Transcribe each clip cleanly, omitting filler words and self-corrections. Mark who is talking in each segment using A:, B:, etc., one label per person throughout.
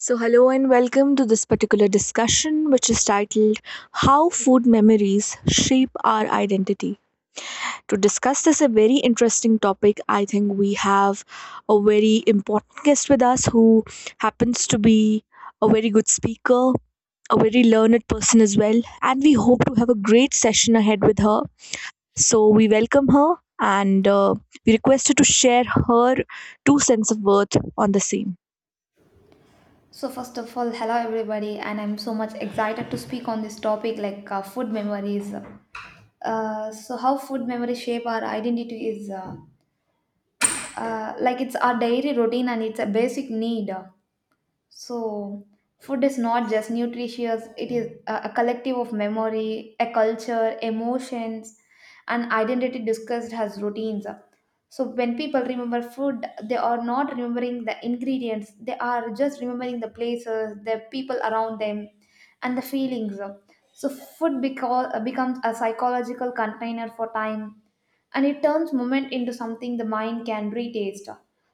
A: So, hello and welcome to this particular discussion, which is titled How Food Memories Shape Our Identity. To discuss this, a very interesting topic, I think we have a very important guest with us who happens to be a very good speaker, a very learned person as well, and we hope to have a great session ahead with her. So, we welcome her and we request her to share her two cents of worth on the same.
B: So first of all, hello everybody, and I'm so much excited to speak on this topic like food memories. So how food memories shape our identity is like it's our daily routine and it's a basic need. So, food is not just nutritious, it is a collective of memory, a culture, emotions, and identity discussed as routines. So, when people remember food, they are not remembering the ingredients, they are just remembering the places, the people around them, and the feelings. So, food becomes a psychological container for time, and it turns moment into something the mind can retaste.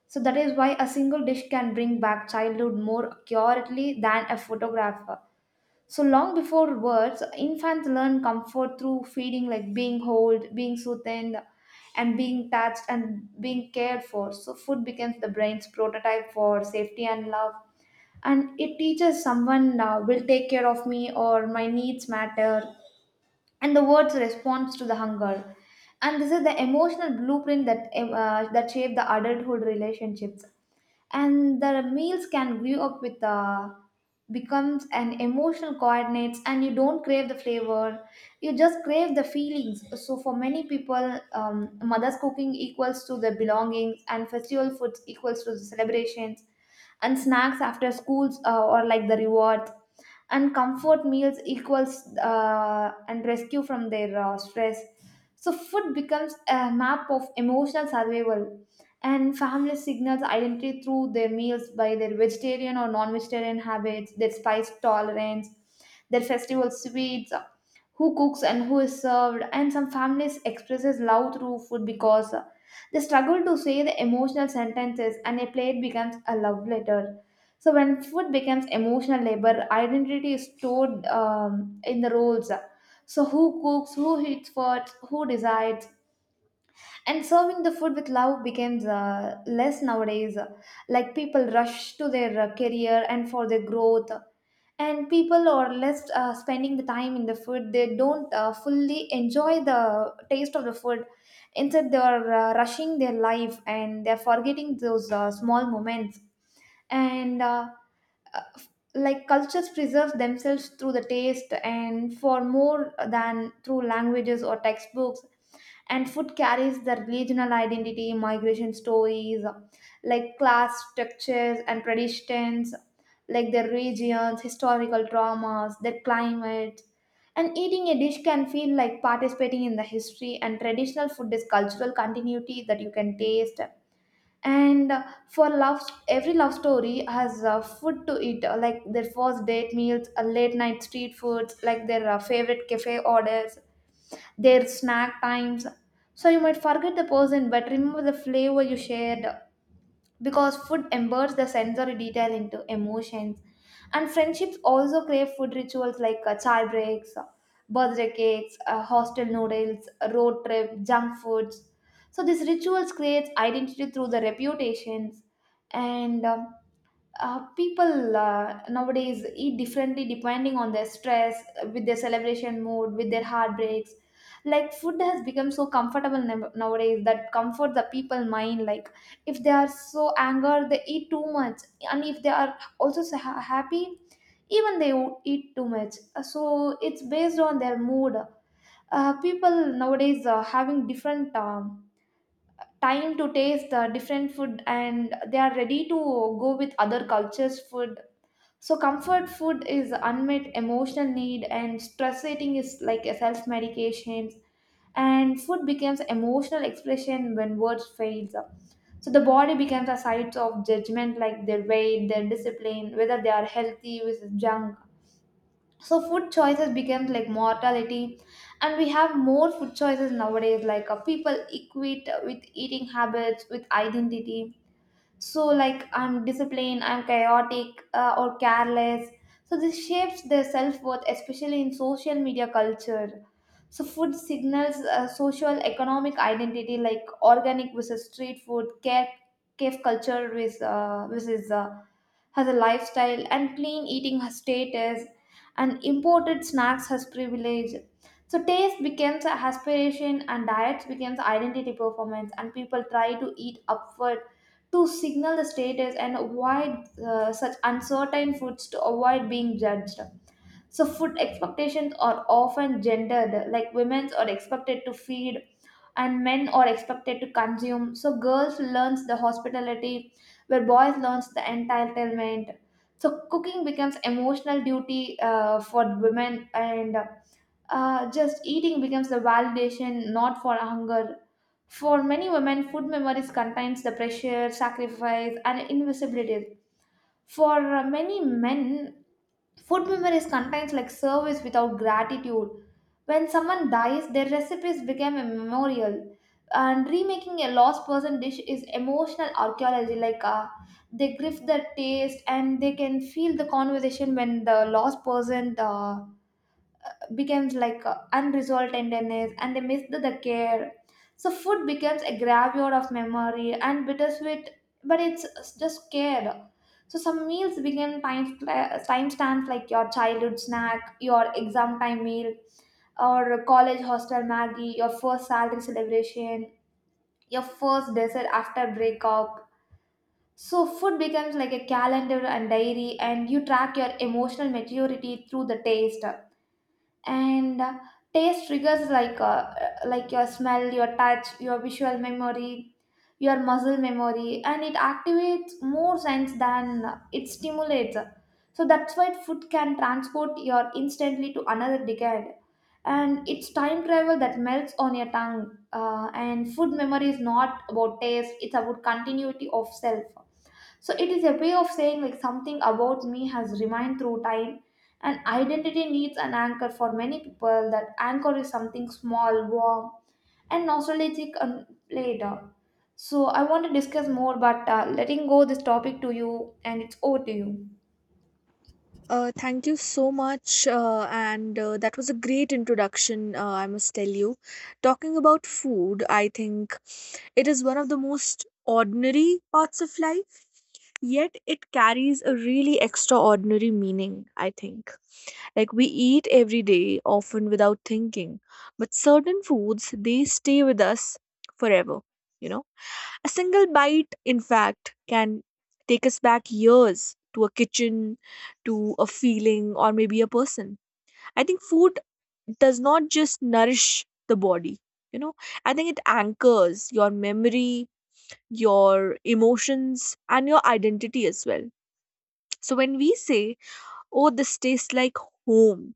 B: So that is why a single dish can bring back childhood more accurately than a photograph. So long before words, infants learn comfort through feeling, like being held, being soothed, and being touched and being cared for. So food becomes the brain's prototype for safety and love. And it teaches someone will take care of me, or my needs matter, and the words response to the hunger. And this is the emotional blueprint that shape the adulthood relationships, and the meals can grew up with becomes an emotional coordinates, and you don't crave the flavor, you just crave the feelings. So for many people, mother's cooking equals to the belongings, and festival foods equals to the celebrations, and snacks after schools or like the rewards, and comfort meals equals and rescue from their stress. So food becomes a map of emotional survival, and family signals identity through their meals, by their vegetarian or non-vegetarian habits, their spice tolerance, their festival sweets, who cooks and who is served. And some families expresses love through food because they struggle to say the emotional sentences, and a plate becomes a love letter. So when food becomes emotional labor, identity is stored in the roles. So who cooks, who eats first, who decides, and serving the food with love becomes less nowadays. Like people rush to their career and for their growth, and people are less spending the time in the food. They don't fully enjoy the taste of the food. Instead, they are rushing their life, and they are forgetting those small moments and. uh, like cultures preserve themselves through the taste and for more than through languages or textbooks, and food carries the regional identity, migration stories, like class structures and traditions, like their regions historical traumas, their climate, and eating a dish can feel like participating in the history, and traditional food is cultural continuity that you can taste. And for love, every love story has food to eat, like their first date meals, late night street foods, like their favorite cafe orders, their snack times. So you might forget the person but remember the flavor you shared, because food embeds the sensory detail into emotions. And friendships also crave food rituals, like chai breaks, birthday cakes, hostel noodles, road trip, junk foods. So these rituals create identity through the reputations. And people nowadays eat differently depending on their stress, with their celebration mood, with their heartbreaks. Like food has become so comfortable nowadays that comfort the people mind. Like if they are so anger, they eat too much, and if they are also so happy, even they would eat too much. So it's based on their mood. People nowadays are having different time to taste different food, and they are ready to go with other cultures food. So comfort food is unmet emotional need, and stress eating is like a self medication, and food becomes emotional expression when words fails. So the body becomes a site of judgment, like their weight, their discipline, whether they are healthy versus junk. So food choices becomes like mortality, and we have more food choices nowadays. Like people equate with eating habits with identity. So like I'm disciplined, I'm chaotic or careless. So this shapes their self-worth, especially in social media culture. So food signals social economic identity, like organic versus street food care, cave culture with versus has a lifestyle, and clean eating has status, and imported snacks has privilege. So taste becomes an aspiration, and diets becomes identity performance, and people try to eat upward to signal the status and avoid such uncertain foods to avoid being judged. So, food expectations are often gendered, like women are expected to feed and men are expected to consume. So, girls learns the hospitality, where boys learns the entitlement. So, cooking becomes emotional duty for women, and just eating becomes the validation, not for hunger. For many women, food memories contains the pressure, sacrifice, and invisibility. For many men, food memories contains like service without gratitude. When someone dies, their recipes become a memorial. And remaking a lost person dish is emotional archaeology. Like they grift the taste, and they can feel the conversation when the lost person. Becomes like unresolved tenderness, and they miss the care. So food becomes a graveyard of memory and bittersweet, but it's just care. So some meals begin time stamps, like your childhood snack, your exam time meal, or college hostel Maggie, your first salary celebration, your first dessert after breakup. So food becomes like a calendar and diary, and you track your emotional maturity through the taste. And taste triggers, like your smell, your touch, your visual memory, your muscle memory, and it activates more sense than it stimulates. So that's why food can transport you instantly to another decade, and it's time travel that melts on your tongue. And food memory is not about taste, it's about continuity of self. So it is a way of saying, like, something about me has remained through time. And identity needs an anchor. For many people, that anchor is something small, warm, and nostalgic and later. So I want to discuss more, but letting go this topic to you, and it's over to you.
A: Thank you so much. And That was a great introduction, I must tell you. Talking about food, I think it is one of the most ordinary parts of life, yet it carries a really extraordinary meaning, I think. Like we eat every day, often without thinking, but certain foods they stay with us forever, you know. A single bite, in fact, can take us back years to a kitchen, to a feeling, or maybe a person. I think food does not just nourish the body, you know, I think it anchors your memory, your emotions, and your identity as well. So when we say, oh, this tastes like home,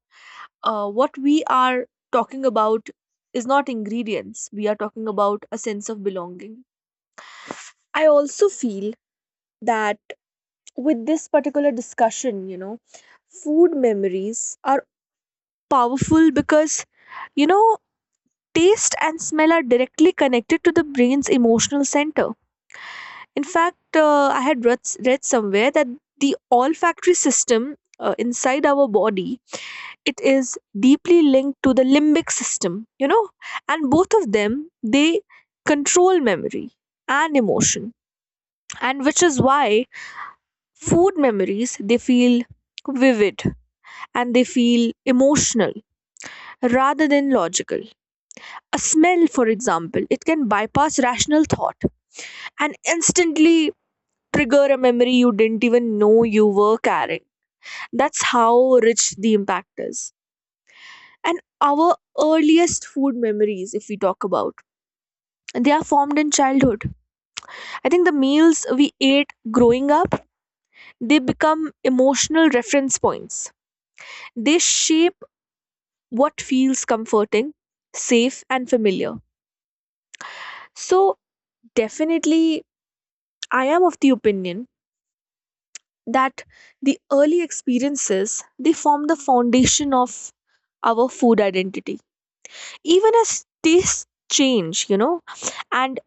A: what we are talking about is not ingredients, we are talking about a sense of belonging. I also feel that with this particular discussion, you know, food memories are powerful because, you know, taste and smell are directly connected to the brain's emotional center. In fact, I had read somewhere that the olfactory system inside our body it is deeply linked to the limbic system, you know, and both of them they control memory and emotion, and which is why food memories they feel vivid and they feel emotional rather than logical. A smell, for example, it can bypass rational thought and instantly trigger a memory you didn't even know you were carrying. That's how rich the impact is. And our earliest food memories, if we talk about, they are formed in childhood. I think the meals we ate growing up, they become emotional reference points. They shape what feels comforting, safe and familiar. So definitely, I am of the opinion that the early experiences, they form the foundation of our food identity, even as tastes change, you know. And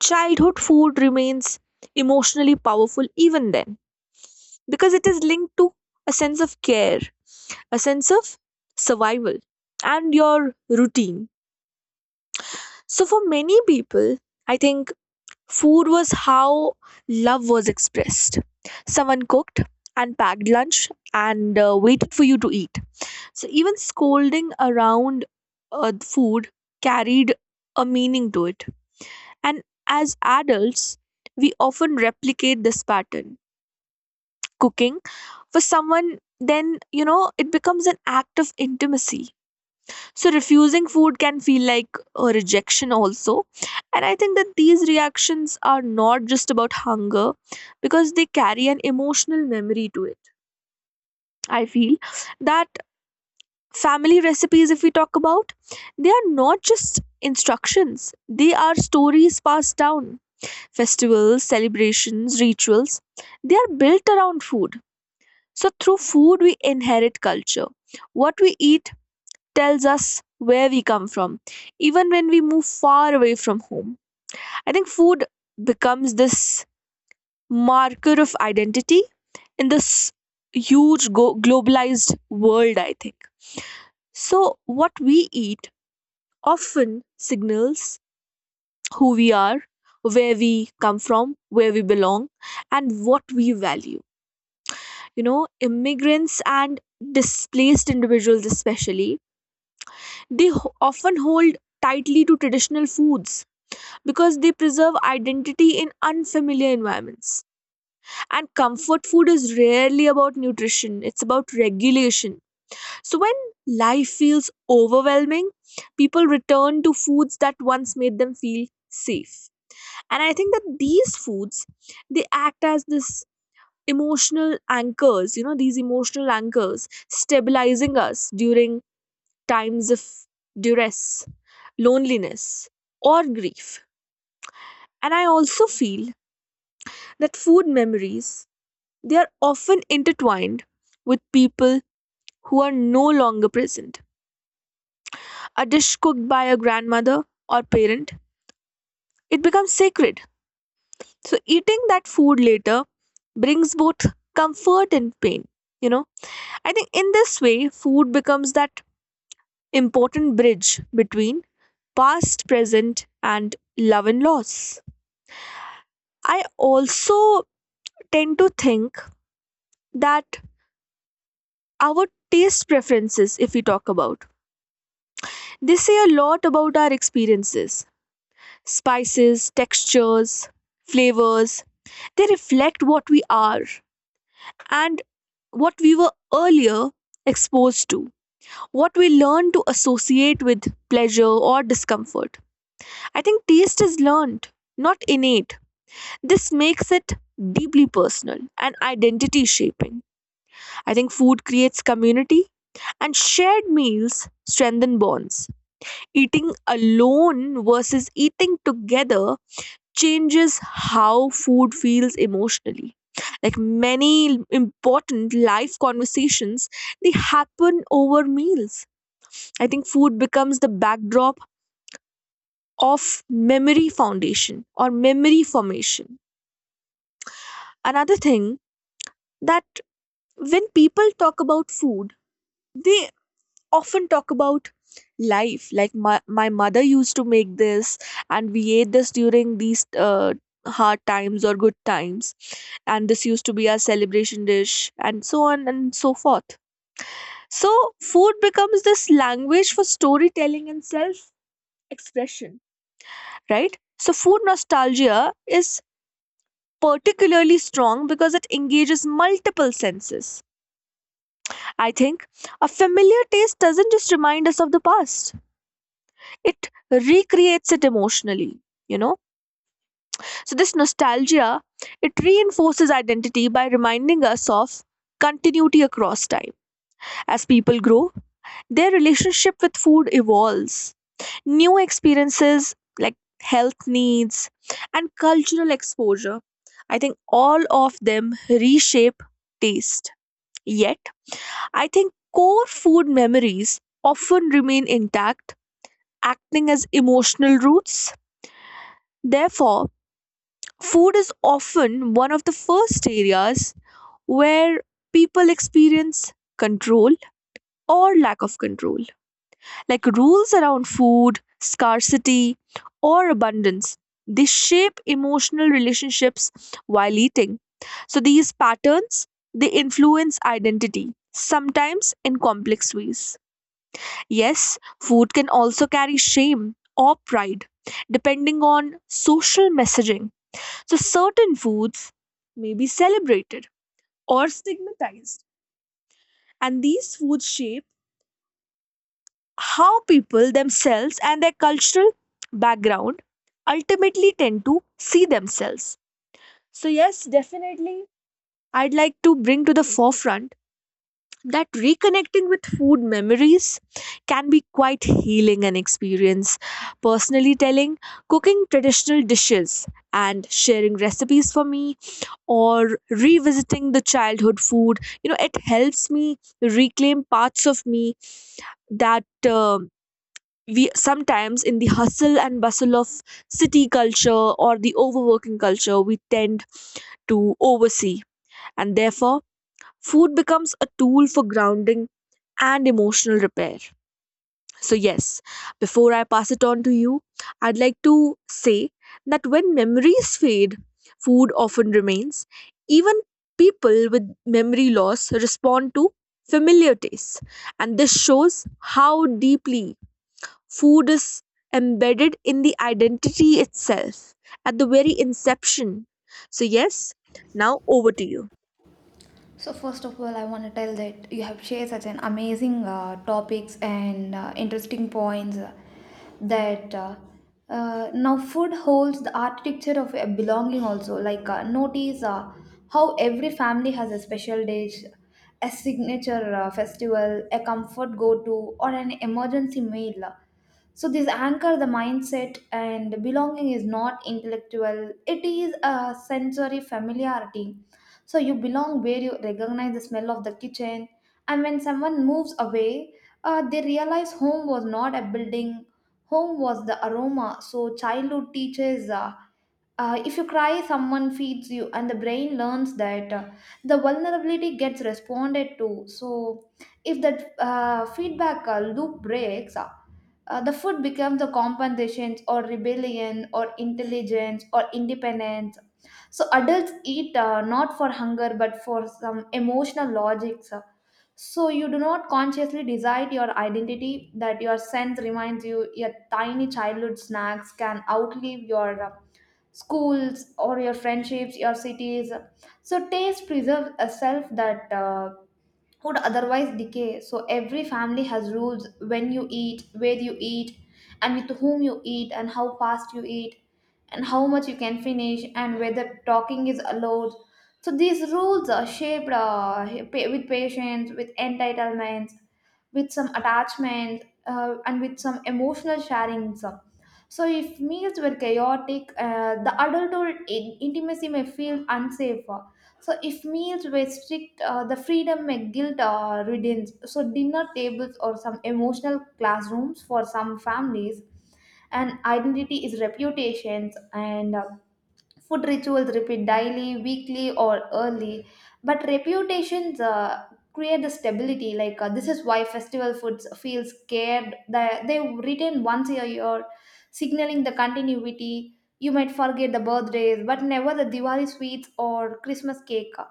A: childhood food remains emotionally powerful even then, because it is linked to a sense of care, a sense of survival, and your routine. So, for many people, I think food was how love was expressed. Someone cooked and packed lunch and waited for you to eat. So, even scolding around food carried a meaning to it. And as adults, we often replicate this pattern. Cooking for someone, then, you know, it becomes an act of intimacy. So refusing food can feel like a rejection also. And I think that these reactions are not just about hunger because they carry an emotional memory to it. I feel that family recipes, if we talk about, they are not just instructions, they are stories passed down. Festivals, celebrations, rituals, they are built around food. So, through food, we inherit culture. What we eat tells us where we come from, even when we move far away from home. I think food becomes this marker of identity in this huge globalized world, I think. So, what we eat often signals who we are, where we come from, where we belong, and what we value. You know, immigrants and displaced individuals especially, they often hold tightly to traditional foods because they preserve identity in unfamiliar environments. And comfort food is rarely about nutrition, it's about regulation. So when life feels overwhelming, people return to foods that once made them feel safe. And I think that these foods, they act as this emotional anchors, you know, these emotional anchors stabilizing us during times of duress, loneliness, or grief. And I also feel that food memories, they are often intertwined with people who are no longer present. A dish cooked by a grandmother or parent, it becomes sacred. So eating that food later brings both comfort and pain, you know. I think in this way, food becomes that important bridge between past, present, and love and loss. I also tend to think that our taste preferences, if we talk about, they say a lot about our experiences. Spices, textures, flavors, they reflect what we are and what we were earlier exposed to, what we learn to associate with pleasure or discomfort. I think taste is learned, not innate. This makes it deeply personal and identity shaping. I think food creates community and shared meals strengthen bonds. Eating alone versus eating together changes how food feels emotionally. Like many important life conversations, they happen over meals. I think food becomes the backdrop of memory foundation or memory formation. Another thing that when people talk about food, they often talk about life. Like my mother used to make this, and we ate this during these hard times or good times. And this used to be our celebration dish, and so on and so forth. So, food becomes this language for storytelling and self expression, right? So, food nostalgia is particularly strong because it engages multiple senses. I think a familiar taste doesn't just remind us of the past, it recreates it emotionally, you know. So, this nostalgia, it reinforces identity by reminding us of continuity across time. As people grow, their relationship with food evolves. New experiences like health needs and cultural exposure, I think all of them reshape taste. Yet, I think core food memories often remain intact, acting as emotional roots. Therefore, food is often one of the first areas where people experience control or lack of control. Like rules around food, scarcity, or abundance, they shape emotional relationships while eating. So these patterns, they influence identity, sometimes in complex ways. Yes, food can also carry shame or pride, depending on social messaging. So, certain foods may be celebrated or stigmatized, and these foods shape how people themselves and their cultural background ultimately tend to see themselves. So, yes, definitely, I'd like to bring to the forefront that reconnecting with food memories can be quite healing an experience. Personally, telling, cooking traditional dishes and sharing recipes for me or revisiting the childhood food, you know, it helps me reclaim parts of me that. We sometimes in the hustle and bustle of city culture or the overworking culture we tend to oversee, and therefore food becomes a tool for grounding and emotional repair. So, yes, before I pass it on to you, I'd like to say that when memories fade, food often remains. Even people with memory loss respond to familiar tastes, and this shows how deeply food is embedded in the identity itself at the very inception. So, yes, now over to you.
B: So first of all, I want to tell that you have shared such an amazing topics and interesting points, that now food holds the architecture of a belonging also. Like notice how every family has a special dish, a signature festival, a comfort go-to, or an emergency meal. So this anchor the mindset, and belonging is not intellectual. It is a sensory familiarity, so you belong where you recognize the smell of the kitchen. And when someone moves away, they realize home was not a building, home was the aroma. So childhood teaches. If you cry, someone feeds you, and the brain learns that the vulnerability gets responded to. So, if that feedback loop breaks, the food becomes the compensation or rebellion or intelligence or independence. So adults eat not for hunger but for some emotional logics. So you do not consciously decide your identity, that your sense reminds you your tiny childhood snacks can outlive your schools or your friendships, your cities. So taste preserves a self that would otherwise decay. So every family has rules, when you eat, where you eat, and with whom you eat, and how fast you eat, and how much you can finish, and whether talking is allowed. So these rules are shaped with patience, with entitlements, with some attachment, and with some emotional sharing. So if meals were chaotic, the adulthood intimacy may feel unsafe. So if meals restrict the freedom may guilt riddance. So dinner tables or some emotional classrooms for some families, and identity is reputations. And food rituals repeat daily, weekly, or early. But reputations create the stability. Like this is why festival foods feel scared. They return once a year, signaling the continuity. You might forget the birthdays, but never the Diwali sweets or Christmas cake,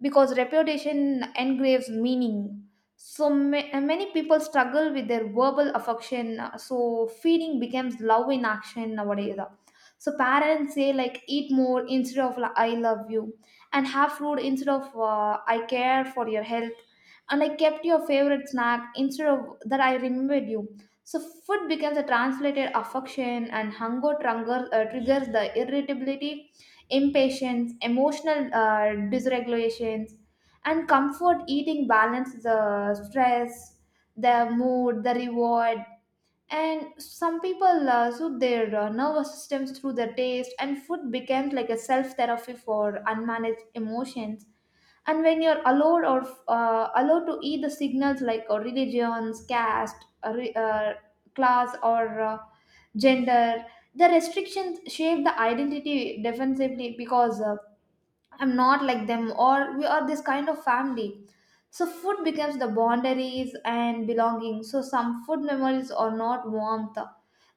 B: because reputation engraves meaning. So many people struggle with their verbal affection, so feeding becomes love in action nowadays. So parents say, like, eat more instead of, like, I love you, and have food instead of I care for your health, and I kept your favorite snack instead of that I remembered you. So food becomes a translated affection, and hunger triggers the irritability, impatience, emotional dysregulations, and comfort eating balance the stress, the mood, the reward. And some people soothe their nervous systems through their taste, and food becomes like a self therapy for unmanaged emotions. And when you're allowed to eat, the signals, like religions caste, uh, re- uh, class or gender, the restrictions shape the identity defensively, because I'm not like them, or we are this kind of family. So food becomes the boundaries and belonging. So some food memories are not warmth.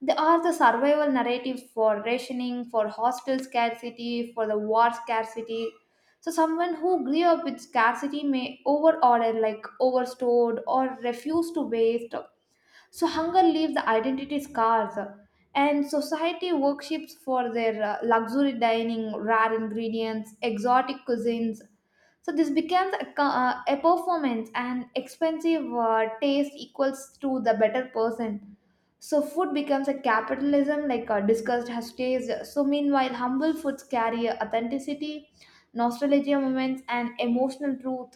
B: They are the survival narratives, for rationing, for hostel scarcity, for the war scarcity. So someone who grew up with scarcity may overorder, like overstored, or refuse to waste. So hunger leaves identity scars, and society worships for their luxury dining, rare ingredients, exotic cuisines. So this becomes a performance, and expensive taste equals to the better person. So food becomes a capitalism, like discussed has taste. So meanwhile, humble foods carry authenticity, nostalgia moments, and emotional truth.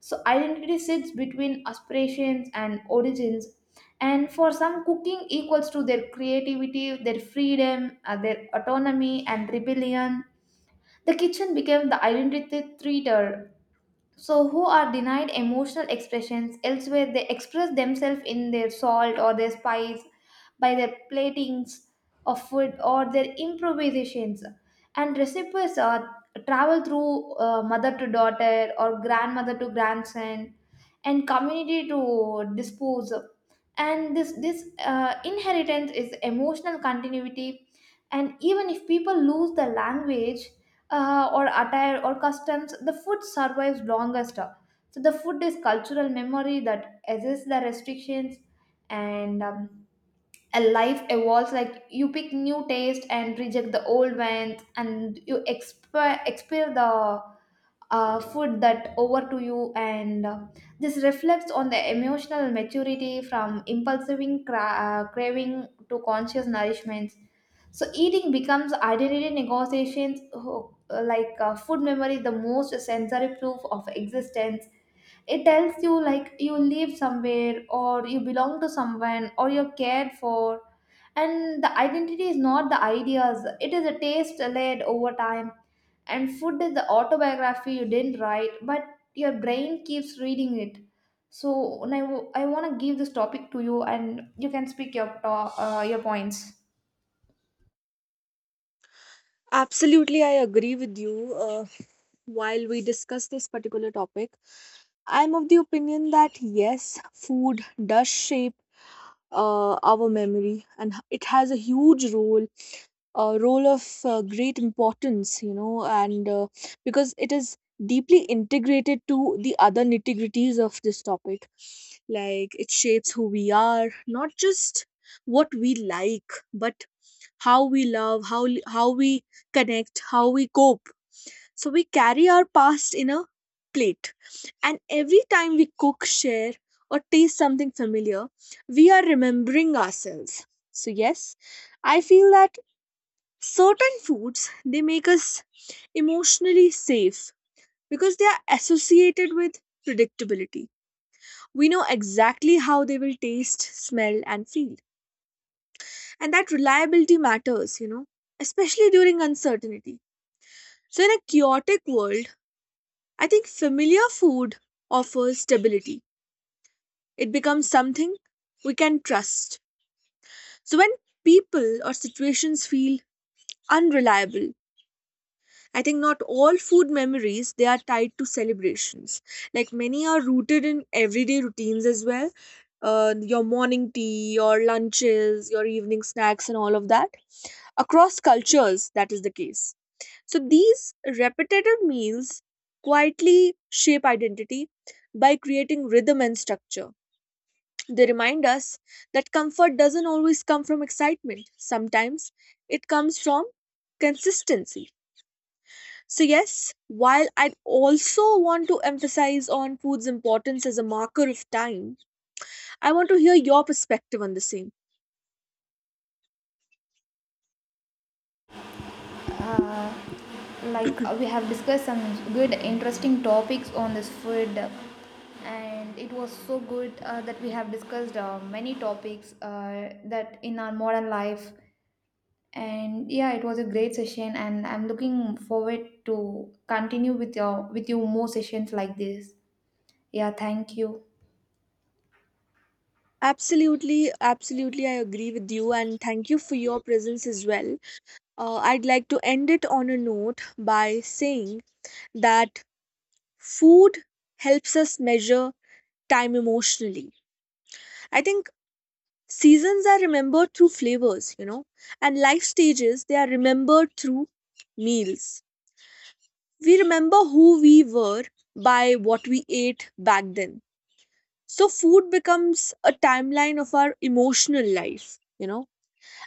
B: So identity sits between aspirations and origins, and for some, cooking equals to their creativity, their freedom, their autonomy and rebellion, the kitchen became the identity theater. So who are denied emotional expressions elsewhere, they express themselves in their salt or their spice, by their platings of food or their improvisations. And recipes are travel through mother to daughter, or grandmother to grandson, and community to dispose. And this inheritance is emotional continuity. And even if people lose the language, or attire or customs, the food survives longest. So the food is cultural memory that assists the restrictions. And a life evolves. Like you pick new taste and reject the old ones, and you experience the food that over to you. And this reflects on the emotional maturity, from impulsive craving to conscious nourishment. So eating becomes identity negotiations. Like food memory the most sensory proof of existence. It tells you, like, you live somewhere, or you belong to someone, or you're cared for. And the identity is not the ideas, it is a taste laid over time. And food is the autobiography you didn't write, but your brain keeps reading it. So now I want to give this topic to you, and you can speak your your points.
A: Absolutely, I agree with you. While we discuss this particular topic, I'm of the opinion that yes, food does shape our memory, and it has a huge role, a role of great importance, you know, and because it is deeply integrated to the other nitty-gritties of this topic. Like it shapes who we are, not just what we like, but how we love, how we connect, how we cope. So we carry our past in a plate, and every time we cook, share, or taste something familiar, we are remembering ourselves. So yes, I feel that certain foods they make us emotionally safe because they are associated with predictability. We know exactly how they will taste, smell, and feel, and that reliability matters. You know, especially during uncertainty. So, in a chaotic world, I think familiar food offers stability. It becomes something we can trust. So, when people or situations feel unreliable, I think not all food memories they are tied to celebrations. Like many are rooted in everyday routines as well. Your morning tea, your lunches, your evening snacks, and all of that. Across cultures, that is the case. So these repetitive meals quietly shape identity by creating rhythm and structure. They remind us that comfort doesn't always come from excitement, sometimes it comes from consistency. So, yes, while I also want to emphasize on food's importance as a marker of time, I want to hear your perspective on the same.
B: uh, like we have discussed some good interesting topics on this food, and it was so good that we have discussed many topics that in our modern life. And yeah, it was a great session, and I'm looking forward to continue with you more sessions like this. Yeah, thank you.
A: Absolutely, absolutely, I agree with you, and thank you for your presence as well. I'd like to end it on a note by saying that food helps us measure time emotionally. I think seasons are remembered through flavors, you know, and life stages they are remembered through meals. We remember who we were by what we ate back then. So food becomes a timeline of our emotional life, you know.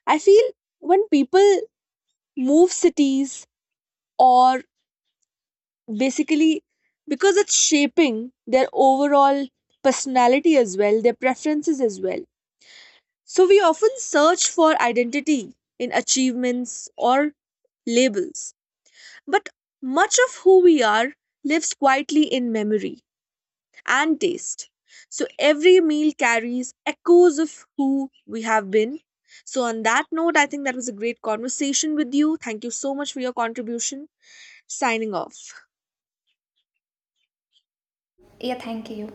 A: I feel when people move cities or basically because it's shaping their overall personality as well, their preferences as well. So we often search for identity in achievements or labels. But much of who we are lives quietly in memory. And taste. So every meal carries echoes of who we have been. So, on that note, I think that was a great conversation with you. Thank you so much for your contribution. Signing off.
B: Yeah, thank you.